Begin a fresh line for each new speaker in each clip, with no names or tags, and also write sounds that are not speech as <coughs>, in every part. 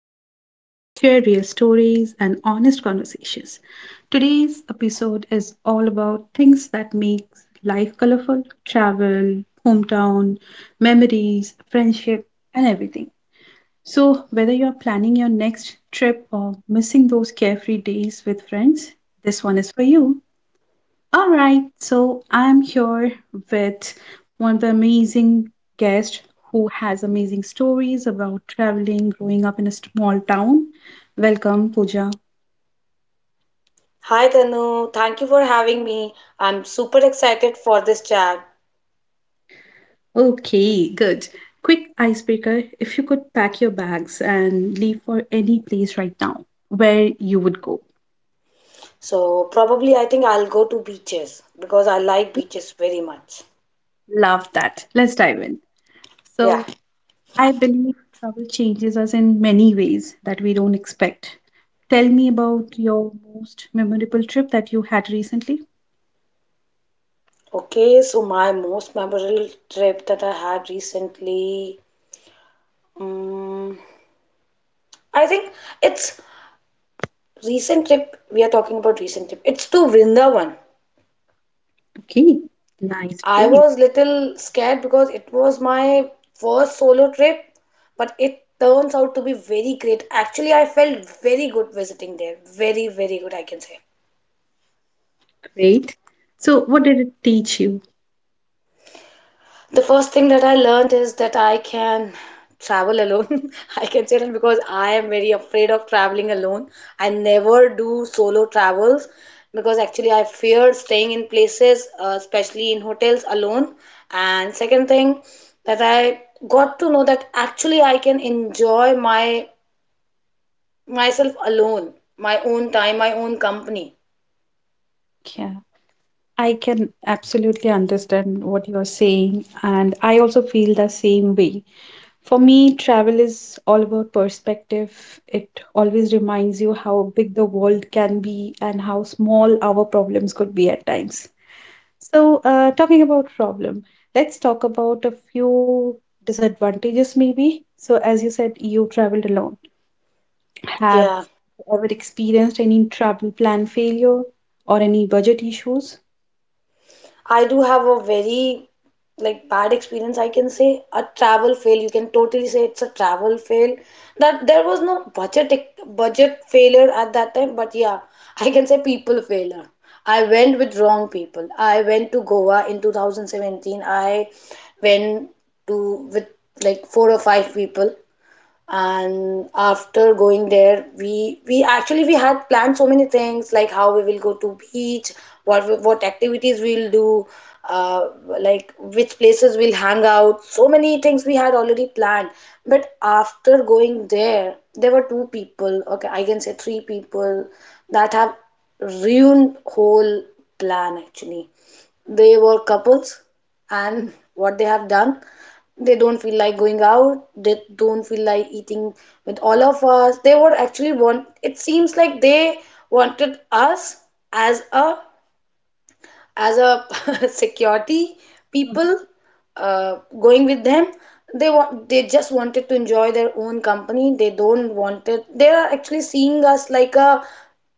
where we share real stories and honest conversations. Today's episode is all about things that makes life colorful, travel, hometown, memories, friendship, and everything. So, whether you're planning your next trip or missing those carefree days with friends, this one is for you. All right, so I'm here with one of the amazing guests who has amazing stories about traveling, growing up in a small town. Welcome, Pooja.
Hi Tanu, thank you for having me. I'm super excited for this chat.
Okay, good. Quick icebreaker if you could pack your bags and leave for any place right now, where you would go.
So probably I think I'll go to beaches because I like beaches very much.
Love that. Let's dive in.
Yeah.
So, I believe travel changes us in many ways that we don't expect. Tell me about your most memorable trip that you had recently.
Okay, so my most memorable trip that I had recently, um, I think it's recent trip. We are talking about recent trip. It's to Vrindavan.
Okay, nice
I
place.
was little scared because it was my first solo trip, but it turns out to be very great. Actually, I felt very good visiting there. Very, very good, I can say.
Great. So, what did it teach you?
The first thing that I learned is that I can travel alone. <laughs> I can say that because I am very afraid of traveling alone. I never do solo travels because actually I fear staying in places, especially in hotels alone. And second thing that I got to know that actually I can enjoy my myself alone, my own time, my own company.
Yeah, I can absolutely understand what you're saying, and I also feel the same way. For me, travel is all about perspective. It always reminds you how big the world can be and how small our problems could be at times. So, talking about problem, let's talk about a few disadvantages maybe. So, as you said, you traveled alone.
Yeah.
Have you ever experienced any travel plan failure or any budget issues?
I do have a very like bad experience, I can say. A travel fail, you can totally say. It's a travel fail that there was no budget failure at that time, but yeah, I can say people failure. I went with wrong people. I went to Goa in 2017. I went to with like four or five people. And after going there, we actually we had planned so many things, like how we will go to beach, what activities we'll do, uh, like which places we'll hang out. So many things we had already planned. But after going there, there were two people, okay, I can say three people, that have ruined whole plan actually. They were couples. And what they have done, they don't feel like going out, they don't feel like eating with all of us. They would actually want, it seems like they wanted us as a <laughs> security people, uh, going with them. They just wanted to enjoy their own company. They don't want it. They are actually seeing us like a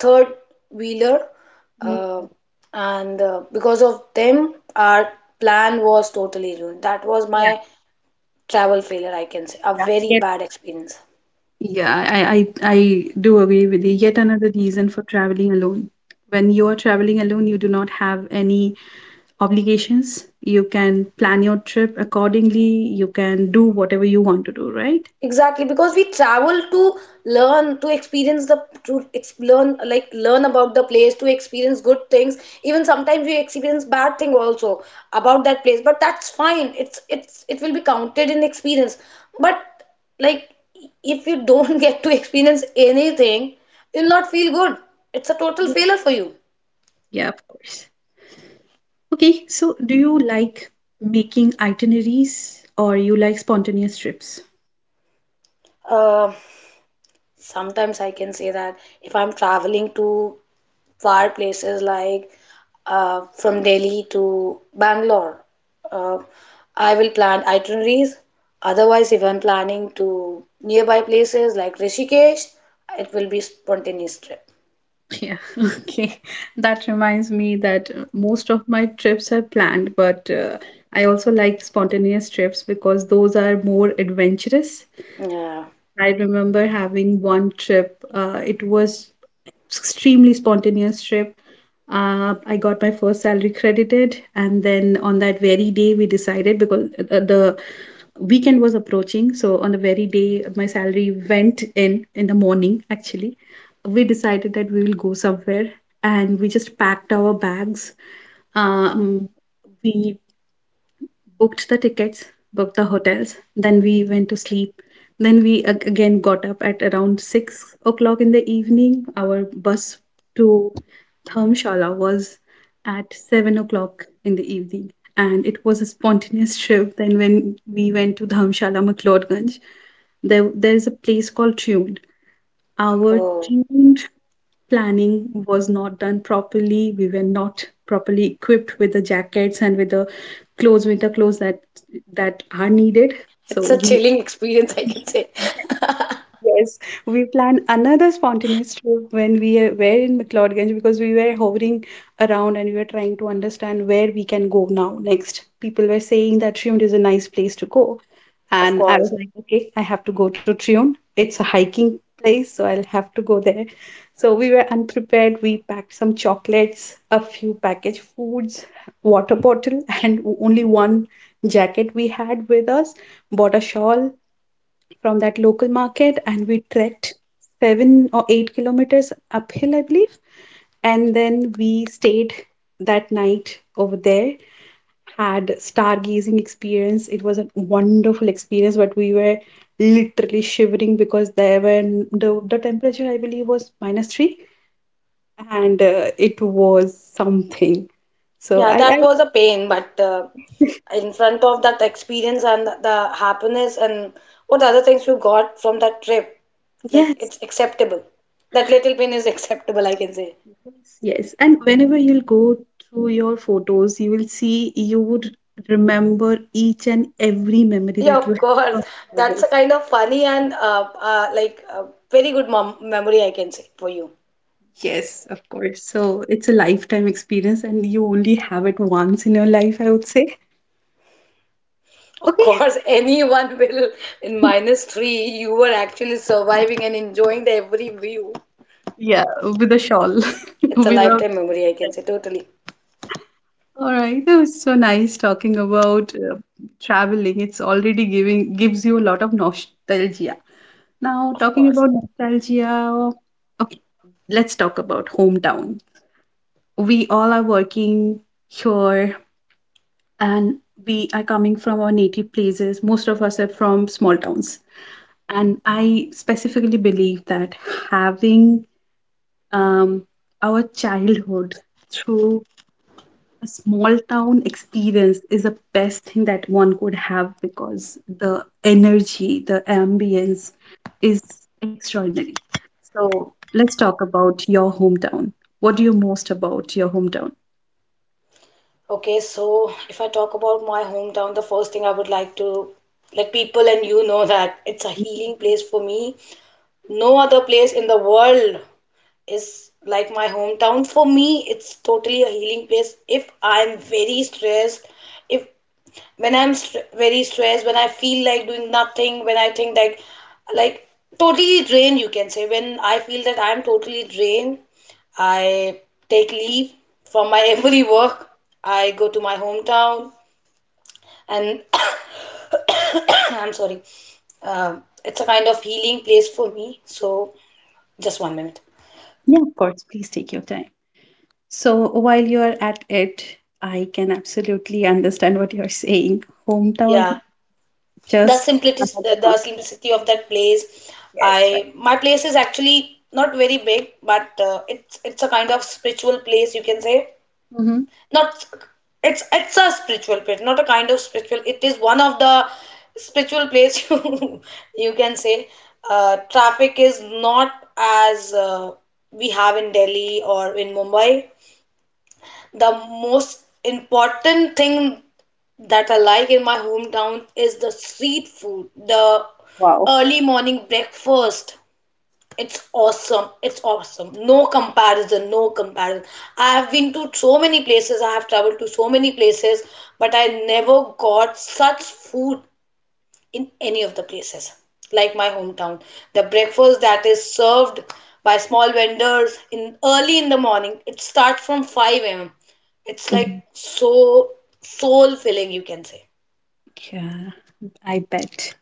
third wheeler. Uh, and uh, because of them our plan was totally ruined. That was my travel failure, I can say. A very bad experience.
Yeah, I do agree with you. Yet another reason for traveling alone. When you are traveling alone, you do not have any obligations. You can plan your trip accordingly. You can do whatever you want to do, right?
Exactly, because we travel to learn, to experience learn, like learn about the place, to experience good things. Even sometimes we experience bad thing also about that place, but that's fine. It will be counted in experience. But like, if you don't <laughs> get to experience anything, you'll not feel good. It's a total
Yeah.
failure for you.
Yeah, of course. Okay, so do you like making itineraries or you like spontaneous trips?
Uh, sometimes I can say that if I'm traveling to far places, like from Delhi to Bangalore. Uh, I will plan itineraries. Otherwise, if I'm planning to nearby places like Rishikesh, it will be spontaneous trip.
Yeah, <laughs> okay. That reminds me that most of my trips are planned, but I also like spontaneous trips because those are more adventurous.
Yeah.
I remember having one trip, it was extremely spontaneous trip. I got my first salary credited, and then on that very day, we decided because the weekend was approaching. So on the very day my salary went in the morning, actually, we decided that we will go somewhere, and we just packed our bags. Um, we booked the tickets, booked the hotels, then we went to sleep. Then we again got up at around 6 o'clock in the evening. Our bus to Dharamshala was at 7 o'clock in the evening. And it was a spontaneous trip. Then when we went to Dharamshala, McLeodganj, there's a place called Tune. Our
Oh,
tuned planning was not done properly. We were not properly equipped with the jackets and with the clothes, winter clothes that are needed. So
it's a
we
chilling <laughs> experience, I can say. <laughs>
yes, we planned another spontaneous trip when we were in McLeodganj because we were hovering around and we were trying to understand where we can go now next. People were saying that Triumph is a nice place to go.
Of
And I was
course.
like, okay, I have to go to Trion. It's a hiking place, so I'll have to go there. So we were unprepared. We packed some chocolates, a few packaged foods, water bottle, and only one jacket we had with us. Bought a shawl from that local market, and we trekked 7 or 8 kilometers uphill, I believe. And then we stayed that night over there, had stargazing experience. It was a wonderful experience, but we were literally shivering because there were the temperature I believe was minus three and it was something. So
Yeah,
I
that was a pain, but
<laughs>
in front of that experience and the happiness and what other things you got from that trip, like,
yes,
it's acceptable. That little pain is <laughs> acceptable, I can say.
yes, yes. And whenever you'll go through your photos, you will see you would remember each and every memory
Yeah,
that you
of
have
course.
from
That's a
travels.
kind of funny and like very good mom memory, I can say, for you.
Yes, of course. So it's a lifetime experience, and you only have it once in your life, I would say.
Of
Okay.
course, <laughs> anyone will, in
<laughs>
minus three, you were actually surviving and enjoying the every view.
Yeah, with a shawl, <laughs>
It's a
without
lifetime memory, I can say, totally.
All right, that was so nice talking about traveling. It's already giving gives you a lot of nostalgia. Now,
Of
talking
course.
about nostalgia, okay, let's talk about hometown. We all are working here and we are coming from our native places. Most of us are from small towns. And I specifically believe that having um, our childhood through a small town experience is the best thing that one could have because the energy, the ambience is extraordinary. So let's talk about your hometown. What do you most about your hometown?
Okay, so if I talk about my hometown, the first thing I would like to let people and you know that it's a healing place for me. No other place in the world is like my hometown. For me, it's totally a healing place. If when I'm very stressed, when I feel like doing nothing, when I think like totally drained, you can say, when I feel that I'm totally drained, I take leave from my <laughs> every work. I go to my hometown. And <coughs> I'm sorry. It's a kind of healing place for me. So just one minute.
Yeah, of course. Please take your time. So while you are at it, I can absolutely understand what you're saying.
Yeah,
Hometown
the
just
simplicity
another
the
nostalgia,
simplicity of that place.
it's right.
I my place is actually not very big, but it's a kind of spiritual place, you can say.
Hmm.
Not, it's a spiritual place, not a kind of spiritual. It is one of the spiritual place, <laughs> you can say. Traffic is not as we have in Delhi or in Mumbai. The most important thing that I like in my hometown is the street food, the
Wow.
early morning breakfast. It's awesome. It's awesome. No comparison. No comparison. I have been to so many places. I have traveled to so many places, but I never got such food in any of the places. Like my hometown. The breakfast that is served by small vendors in early in the morning. It starts from 5 a.m. It's like
Mhm.
so soul filling, you can say.
Yeah, I bet.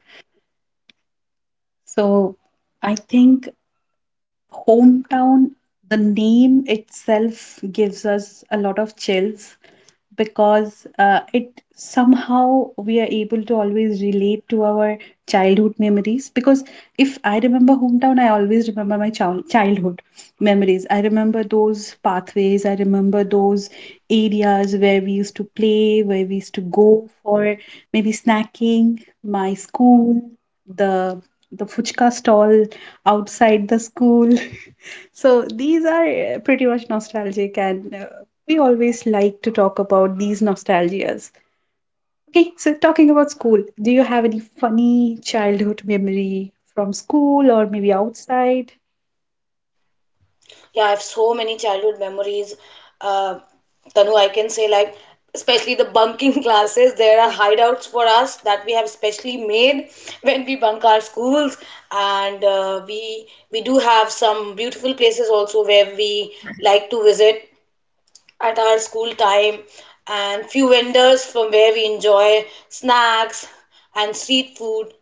So I think hometown, the name itself gives us a lot of chills because it somehow we are able to always relate to our childhood memories because if I remember hometown I always remember my childhood memories, I remember those pathways, I remember those areas where we used to play, where we used to go for maybe snacking, my school, the the fuchka stall outside the school. <laughs> So these are pretty much nostalgic and we always like to talk about these nostalgias. Okay, so talking about school, do you have any funny childhood memory from school or maybe outside?
Yeah, I have so many childhood memories. Uh, Tanu, I can say, like, especially the bunking <laughs> classes. There are hideouts for us that we have specially made when we bunk our schools, and we do have some beautiful places also where we like to visit at our school time, and few vendors from where we enjoy snacks and street food.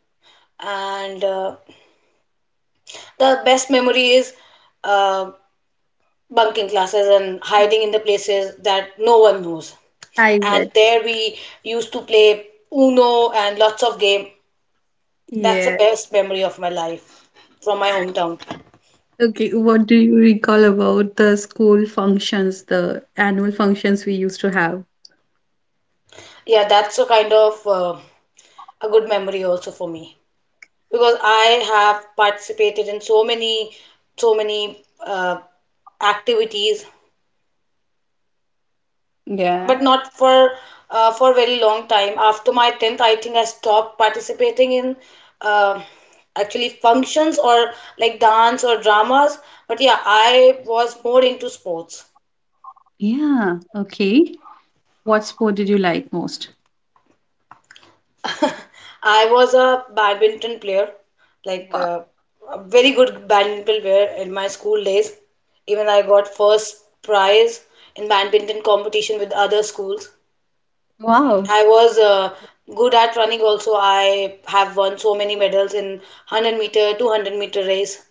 And the best memory is. uh. bunking classes and hiding in the places that no one knows.
I
And
bet.
there we used to play Uno and lots of game. That's the
Yeah.
best memory of my life from my hometown.
Okay. What do you recall about the school functions, the annual functions we used to have?
Yeah, that's a kind of a good memory also for me because I have participated in so many, so many activities,
Yeah.
but not for for very long time after my 10th, I think I stopped participating in um actually functions or like dance or dramas. But yeah, I was more into sports.
Yeah. Okay. What sport did you like most?
I was a badminton player, like
Wow.
a very good badminton player in my school days. Even I got first prize in badminton competition with other schools.
Wow.
I was good at running also. I have won so many medals in 100 meter, 200-meter race.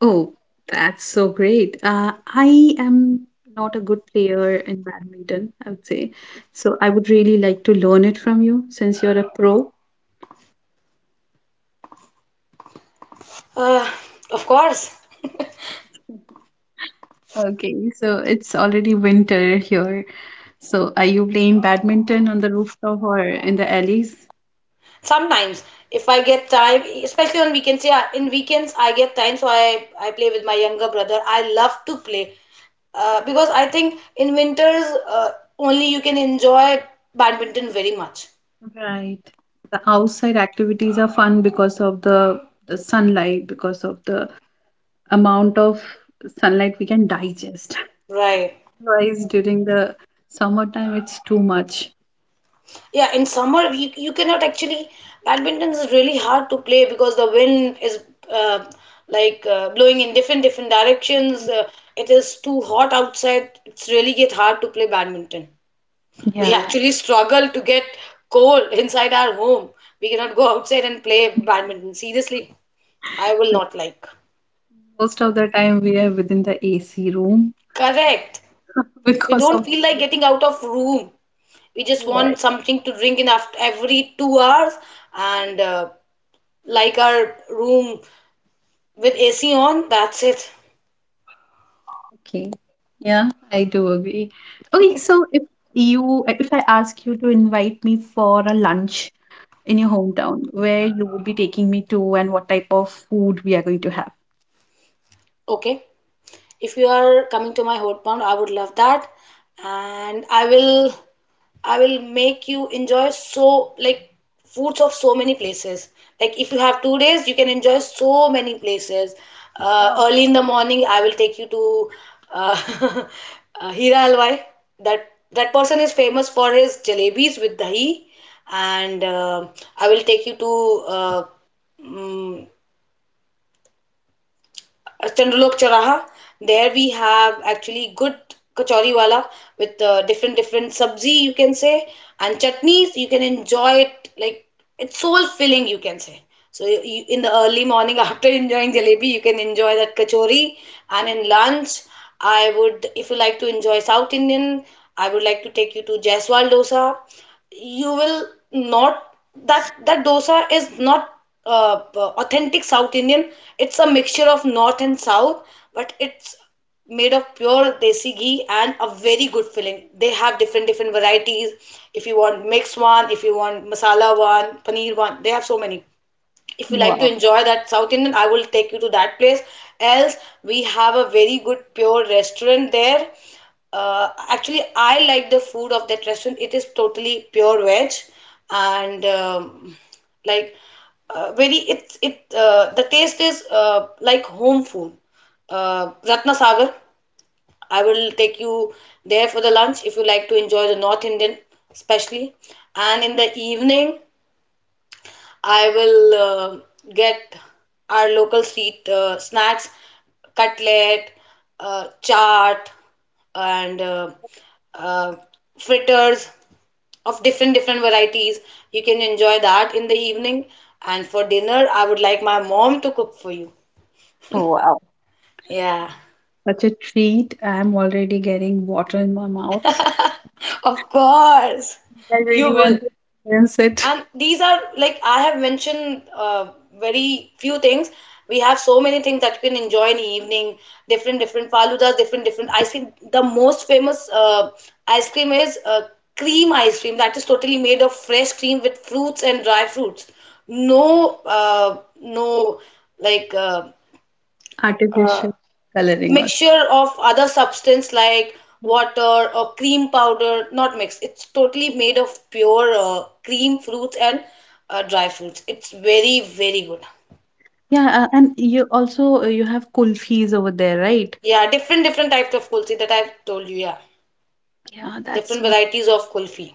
Oh, that's so great. I am not a good player in badminton, I would say. So I would really like to learn it from you since you're a pro.
Uh, of course,
Okay, so it's already winter here. So are you playing badminton on the rooftop or in the alleys?
sometimes if I get time, especially on weekends, yeah, in weekends I get time, so I play with my younger brother. I love to play because I think in winters only you can enjoy badminton very much.
Right. The outside activities are fun because of the sunlight, because of the amount of sunlight we can digest.
Right.
<laughs> Otherwise, during the summertime, it's too much.
Yeah, in summer you cannot actually, badminton is really hard to play because the wind is uh, like blowing in different different directions. It is too hot outside. It's really get hard to play badminton. We
Yeah,
actually struggle to get cold inside our home. We cannot go outside and play badminton. Seriously, I will not like.
most of the time we are within the AC room
Correct.
<laughs>
We
because
don't
of the
feel like
big
getting out of room. We just
fan.
want something to drink in after every 2 hours and like our room with AC on, that's it.
Okay, yeah, I do agree. Okay, so if I ask you to invite me for a lunch in your hometown, where you would be taking me to and what type of food we are going to have?
Okay. If you are coming to my hometown, I would love that, and I will make you enjoy so like foods of so many places. Like if you have 2 days, you can enjoy so many places. Early in the morning, I will take you to uh, <laughs> Hira Halwai. That that person is famous for his jalebis with dahi, and I will take you to. Mm, Chandralok Chowraha. There we have actually good kachori wala with different different sabzi, you can say, and chutneys. You can enjoy it, like, it's soul filling, you can say. So in the early morning <laughs> after enjoying jalebi, you can enjoy that kachori. And in lunch, I would if you like to enjoy South Indian, I would like to take you to Jaiswal dosa. You will not, that dosa is not authentic South Indian. It's a mixture of North and South, but it's made of pure desi ghee and a very good filling. They have different different varieties. If you want mixed one, if you want masala one, paneer one, they have so many. If you like to
Wow,
enjoy that South Indian, I will take you to that place. Else, we have a very good pure restaurant there. Actually, I like the food of that restaurant. It is totally pure veg. And like very it the taste is like home food. Ratna Sagar, I will take you there for the lunch if you like to enjoy the North Indian especially. And in the evening I will get our local street snacks, cutlet, chaat, and uh, fritters of different different varieties. You can enjoy that in the evening. And for dinner, I would like my mom to cook for you.
oh wow,
Yeah,
such a treat. I'm already getting water in my mouth.
of course,
I
you
really
will.
want to experience it.
And these are, like, I have mentioned very few things. We have so many things that you can enjoy in the evening. Different different faludas, different different ice cream. The most famous ice cream is cream ice cream, that is totally made of fresh cream with fruits and dry fruits. No no, like uh, uh,
Artificial coloring on
mixture of other substance like
it.
water or cream powder not mixed. It's totally made of pure cream, fruits and dry fruits. It's very very good.
Yeah, and you also you have kulfis over there, right?
Yeah, different different types of kulfi that I've told you. Yeah,
Yeah.
different varieties of kulfi.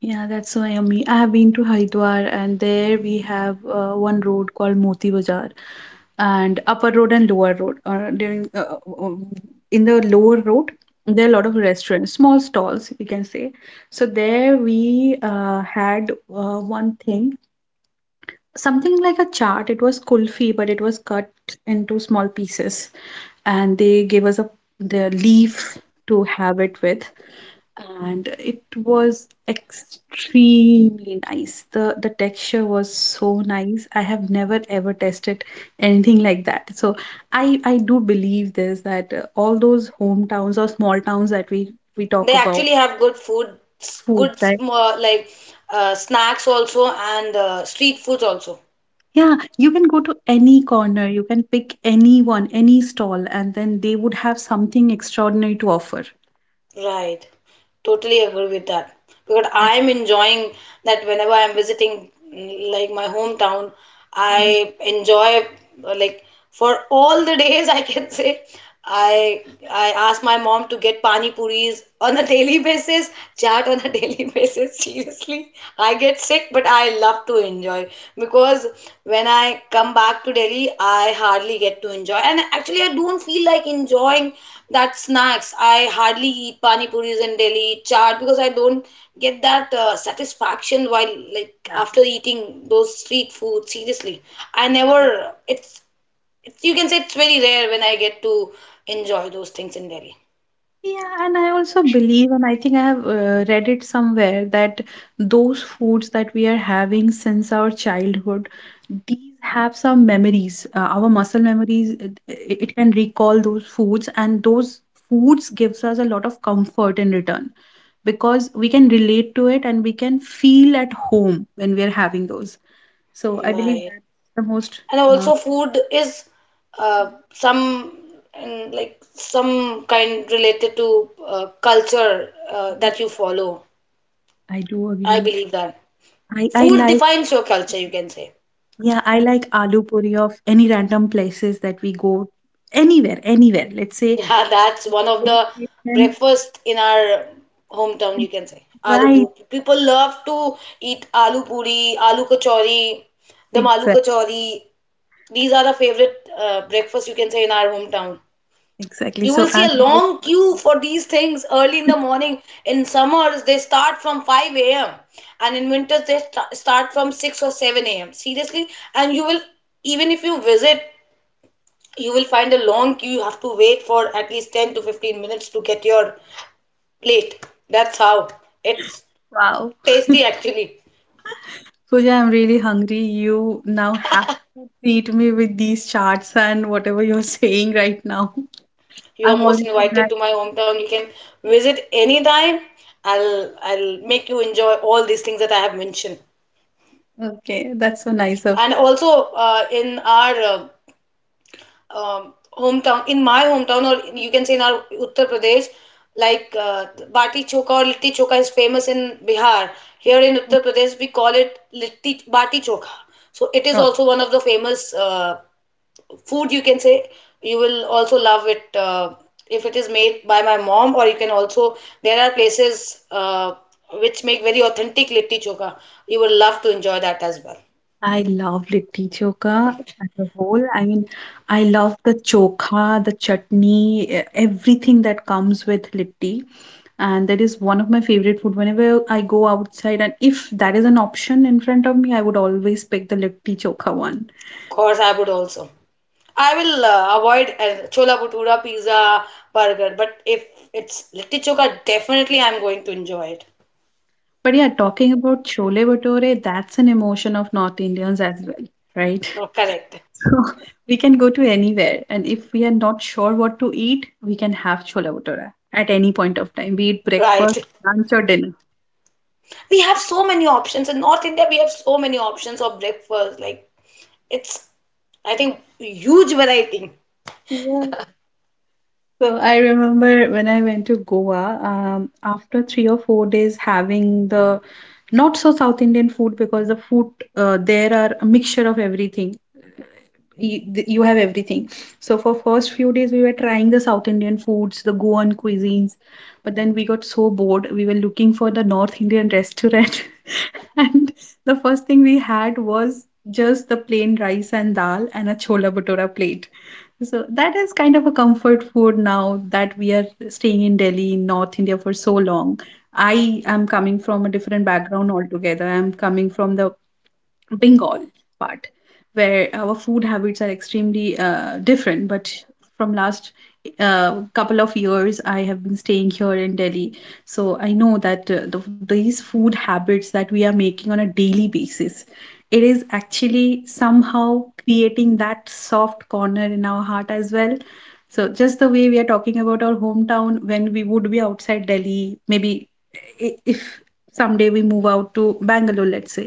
Yeah, that's so yummy. I have been to Haridwar, and there we have one road called Moti Bazaar, and upper road and lower road. During In the lower road, there are a lot of restaurants, small stalls, we can say. So there we had one thing something like a chart. It was kulfi, but it was cut into small pieces. And they gave us a the leaf to have it with. And it was extremely nice. The texture was so nice. I have never ever tested anything like that. So I do believe this that all those hometowns or small towns that we talk
They
about
actually have good food.
food,
Good
right?
uh, like snacks also, and street foods also.
Yeah, you can go to any corner, you can pick anyone, any stall, and then they would have something extraordinary to offer.
Right. Totally agree with that. Because
Right.
I'm enjoying that whenever I'm visiting like my hometown,
Mhm.
I enjoy like, for all the <laughs> days, I can say, I ask my mom to get pani puris on a <laughs> daily basis, chat on a <laughs> daily basis. Seriously, I get sick, but I love to enjoy, because when I come back to Delhi, I hardly get to enjoy. And actually, I don't feel like enjoying that snacks. I hardly eat pani puris in Delhi, chaat, because I don't get that satisfaction while, like,
Yeah.
after eating those street food. Seriously, I never. It's, it's you can say it's very rare when I get to enjoy those things in Delhi.
Yeah, and I also believe, and I think I have read it somewhere, that those foods that we are having since our childhood, these have some memories. Our muscle memories, it can recall those foods, and those foods gives us a lot of comfort in return because we can relate to it and we can feel at home when we are having those. So I believe
Right.
that's the most.
And
Uh,
also, food is
mhm,
some and like some kind related to culture
yeah,
that you follow.
I do
I
agree.
believe that
I
food
like.
defines your culture, you can say.
Yeah, I like aloo puri of any random places that we go, anywhere, anywhere. Let's say
<laughs> Yeah, that's one of the
hill station.
breakfast in our hometown, you can say. Aloo
Right,
puri, people love to eat aloo puri, aloo kachori, the aloo
exactly,
kachori these are the favorite breakfast, you can say, in our hometown.
exactly.
You will
So
see a
I'm really
long queue
hungry.
for these things early in the morning. In summers, they start from 5 a.m, and in winters they start from 6 or 7 a.m, seriously. And you will, even if you visit, you will find a long queue. You have to wait for at least 10 to 15 minutes to get your plate. That's how it's
<laughs> Wow.
tasty actually.
Pooja, I'm really hungry. You now have to treat me with these charts and whatever you're <laughs> saying right now.
You are
I'm already
most
mad.
invited to my hometown. You can visit anytime. I'll make you enjoy all these things that I have mentioned.
Okay, that's so nice of
And also, in our hometown, in my hometown, or you can say, in our Uttar Pradesh, like uh, bati choka or litti choka is famous in Bihar. Here in
you.
Uttar Pradesh we call it litti bati choka. So it is also one of the famous food, you can say. You will also love it if it is made by my mom. Or you can also, there are places which make very authentic litti choka. You will love to enjoy that as well. Of
I love litti chokha as a whole. I mean, I love the chokha, the chutney, everything that comes with litti. And that is one of my favorite food. Whenever I go outside, and if that is an option in front of me, I would always pick the litti chokha one.
course, I would also, I will avoid chola bhatura, pizza, burger, but if it's litti chokha, definitely I'm going to enjoy it.
But yeah, talking about chole bhature, that's an emotion of North Indians as well, right?
Oh,
<laughs>
correct.
So we can go to anywhere, and if we are not sure what to eat, we can have chole bhature at any point of time, be it breakfast,
Right.
lunch, or dinner.
We have so many options. In North India, we have so many options of breakfast. Like, it's, I think, huge variety.
Yeah. So I remember when I went to Goa, after 3 or 4 days having the not so South Indian food because the food there are a mixture of everything. You, you have everything. So for first few days we were trying the South Indian foods, the Goan cuisines, but then we got so bored. We were looking for the North Indian restaurant, <laughs> and the first thing we had was just the plain rice and dal and a chola bhatura plate. So that is kind of a comfort food now that we are staying in Delhi, North India for so long. I am coming from a different background altogether. I'm coming from the Bengal part, where our food habits are extremely different. But from last couple of years, I have been staying here in Delhi, so I know that these food habits that we are making on a daily basis, it is actually somehow creating that soft corner in our heart as well. So just the way we are talking about our hometown when we would be outside Delhi, maybe if someday we move out to Bangalore, let's say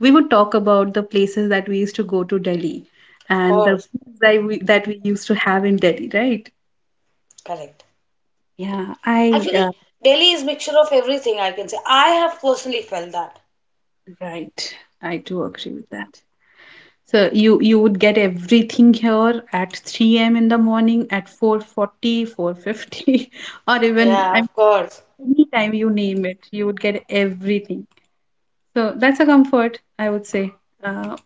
we would talk about the places that we used to go to Delhi
Of
and the
course.
foods that we used to have in Delhi, right?
Correct.
Yeah, I
Actually, Delhi is mixture of everything, I can say. I have personally felt that.
right. I do agree with that. So you would get everything here at 3 a.m. in the morning, at 4:40, 4:50, <laughs> or even
Yeah, of course.
any time you name it, you would get everything. So that's a comfort, I would say. Uh,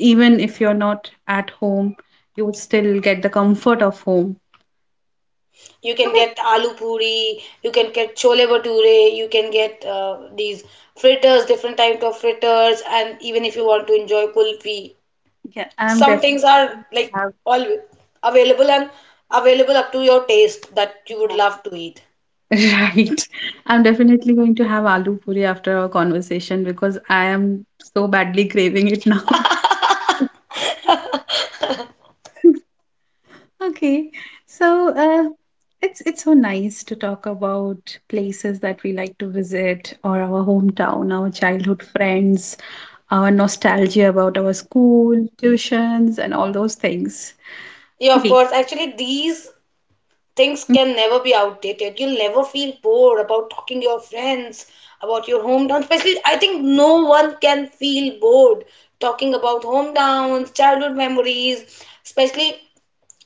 Even if you're not at home, you would still get the comfort of home.
You can get aloo puri, you can get chole bhature, you can get these fritters, different types of fritters, and even if you want to enjoy kulfi,
Yeah, I'm
some
definitely
things are
going
like
to have
all available, and available up to your taste, that you would
yeah.
love to eat.
<laughs> Right. I'm definitely going to have aloo puri after our conversation because I am so badly craving it now. <laughs> Okay, so it's so nice to talk about places that we like to visit, or our hometown, our childhood friends, our nostalgia about our school, tuitions, and all those things.
Yeah, of
Okay.
course, actually these things can never be outdated. You'll never feel bored about talking to your friends about your hometown, especially. I think no one can feel bored talking about hometowns, childhood memories especially,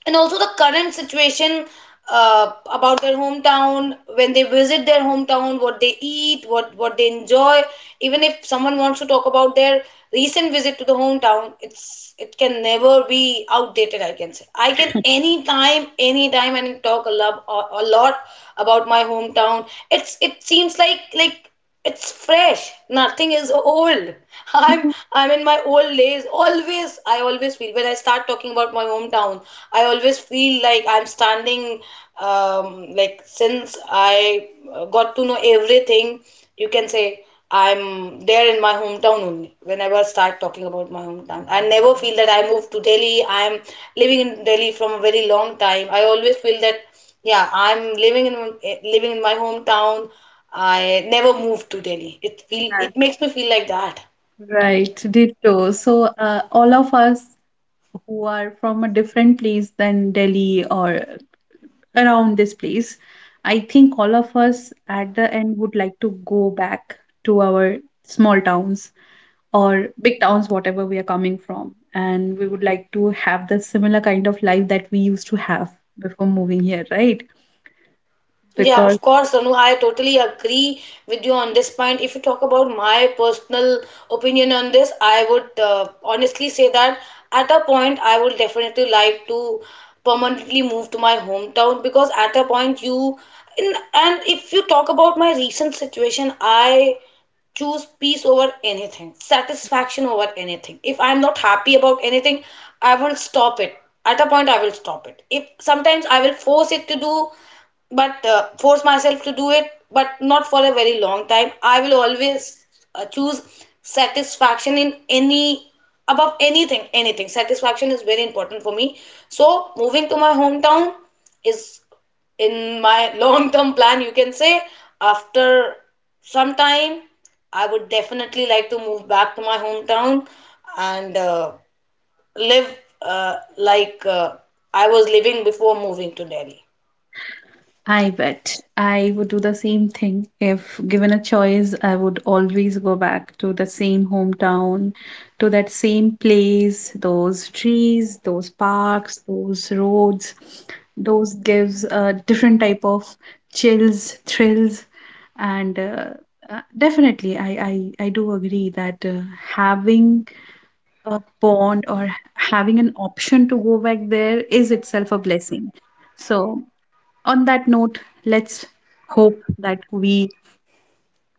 and also the current situation about their hometown, when they visit their hometown, what they eat, what they enjoy. Even if someone wants to talk about their recent visit to the hometown, it can never be outdated, I can say. I can anytime, anytime, and talk a lot, a lot about my hometown. It seems like, it's fresh. Nothing is old.
<laughs>
I'm
Mhm.
I'm in my old days. Always I always feel, when I start talking about my hometown, I always feel like I'm standing, um like, since I got to know everything, you can say, I'm there in my hometown only. Whenever I start talking about my hometown, I never feel that I moved to Delhi. I'm living in Delhi from a very long time. I always feel that, yeah, I'm living in, living in my hometown. I never moved to Delhi. It feel
Yeah,
it makes me feel like that.
right. Ditto. So, all of us who are from a different place than Delhi or around this place. I think all of us at the end would like to go back to our small towns or big towns, whatever we are coming from. And we would like to have the similar kind of life that we used to have before moving here, right?
Yeah,
Because.
of course, Anu, I totally agree with you on this point. If you talk about my personal opinion on this, I would honestly say that at a point I would definitely like to permanently move to my hometown, because at a point you, in, and if you talk about my recent situation, I choose peace over anything, satisfaction over anything. If I'm not happy about anything, I will stop it. At a point, I will stop it. If sometimes I will force it to do, but force myself to do it, but not for a very long time. I will always choose satisfaction in any, above anything. Anything, satisfaction is very important for me. So moving to my hometown is in my <laughs> long term plan, you can say. After some time, I would definitely like to move back to my hometown, and live uh, like uh, I was living before moving to Delhi.
I bet I would do the same thing. If given a choice, I would always go back to the same hometown, to that same place, those trees, those parks, those roads. Those gives a different type of chills, thrills, and definitely I I do agree that having a bond or having an option to go back there is itself a blessing. So on that note, let's hope that we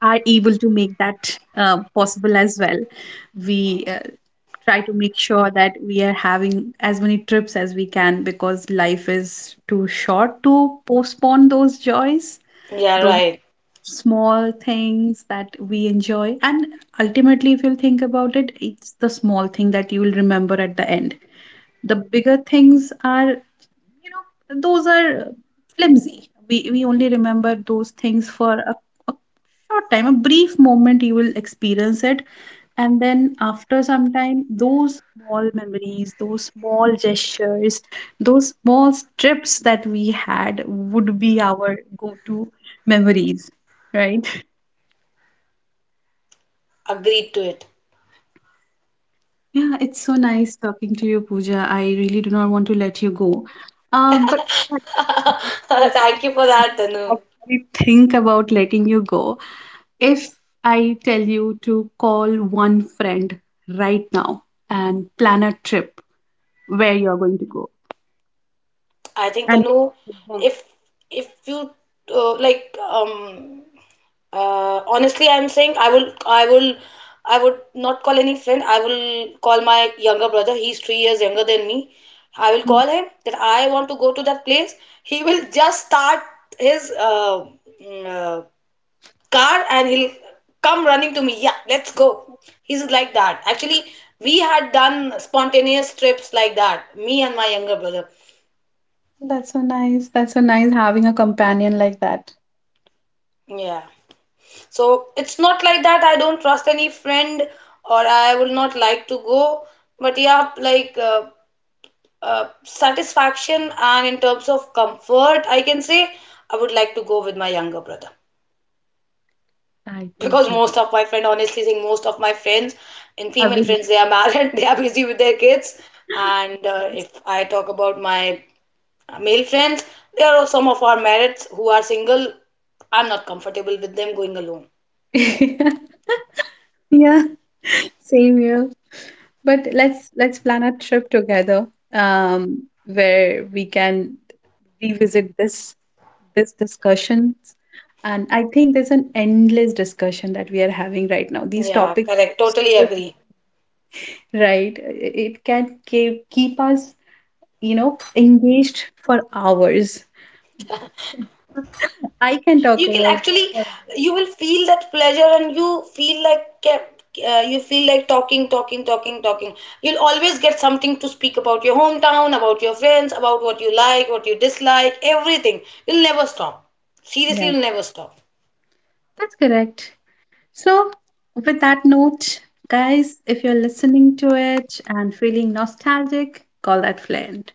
are able to make that possible as well. We Try to make sure that we are having as many trips as we can because life is too short to postpone those joys,
Yeah,
those
right.
small things that we enjoy. And ultimately, if you think about it, it's the small thing that you will remember at the end. The bigger things are, you know, those are flimsy. We only remember those things for a short time, a brief moment. You will experience it, and then after some time those small memories, those small gestures, those small trips that we had would be our go-to memories, right?
Agreed to it.
Yeah, it's so nice talking to you, Pooja. I really do not want to let you go. But
<laughs>
before-
Thank you for that, Tanu.
Before we think about letting you go. If I tell you to call one friend right now and plan a trip where you're going to go,
I think,
and
Tanu,
mhm.
if you uh, like, um, honestly, I'm saying, I would not call any friend. I will call my younger brother. He's 3 years younger than me. I will
Mm,
call him that I want to go to that place. He will just start his mm, uh, car, and he'll come running to me, yeah, let's go. He's like that, actually. We had done spontaneous trips like that, me and my younger brother.
that's so nice. That's so nice having a companion like that.
Yeah, so it's not like that I don't trust any friend, or I would not like to go, but yeah, satisfaction and in terms of comfort, I can say I would like to go with my younger brother.
I
Because
totally.
most of my friend, honestly saying, most of my friends and
I
female
was.
friends, they are married <laughs> they are busy with their kids. And if I talk about my male friends, there are some of our married who are single, I'm not comfortable with them going alone.
<laughs> Yeah, same here. But let's plan a trip together where we can revisit this discussion. And I think there's an endless discussion that we are having right now. These
Yeah,
topics,
correct, totally agree.
right? It can keep keep us, you know, engaged for hours. I can talk
You can
about this
actually,
for hours.
you will feel that pleasure, and you feel like you feel like talking, talking, you'll always get something to speak about, your hometown, about your friends, about what you like, what you dislike, everything. You'll never stop, seriously,
Yeah,
you'll never stop.
that's correct. So, with that note, guys, if you're listening to it and feeling nostalgic, call that friend.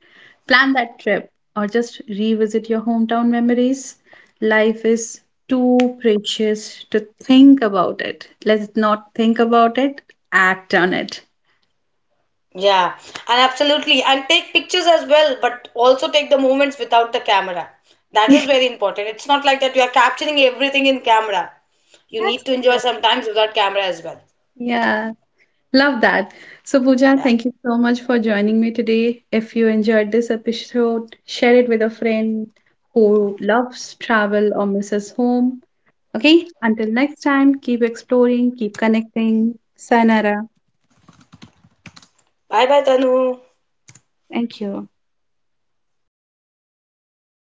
Plan that trip or just revisit your hometown memories. Life is too precious to think about it. Let's not think about it, act on it.
Yeah, and absolutely, and take pictures as well, but also take the moments without the camera.
<laughs>
That is
That's
very important. It's not like that you are capturing everything in camera. You need to enjoy
correct.
sometimes without camera as well.
Yeah. Love that. So, Pooja,
Yeah,
thank you so much for joining me today. If you enjoyed this episode, share it with a friend who loves travel or misses home. Okay, until next time, keep exploring, keep connecting. Sayonara.
bye bye Tanu.
Thank you.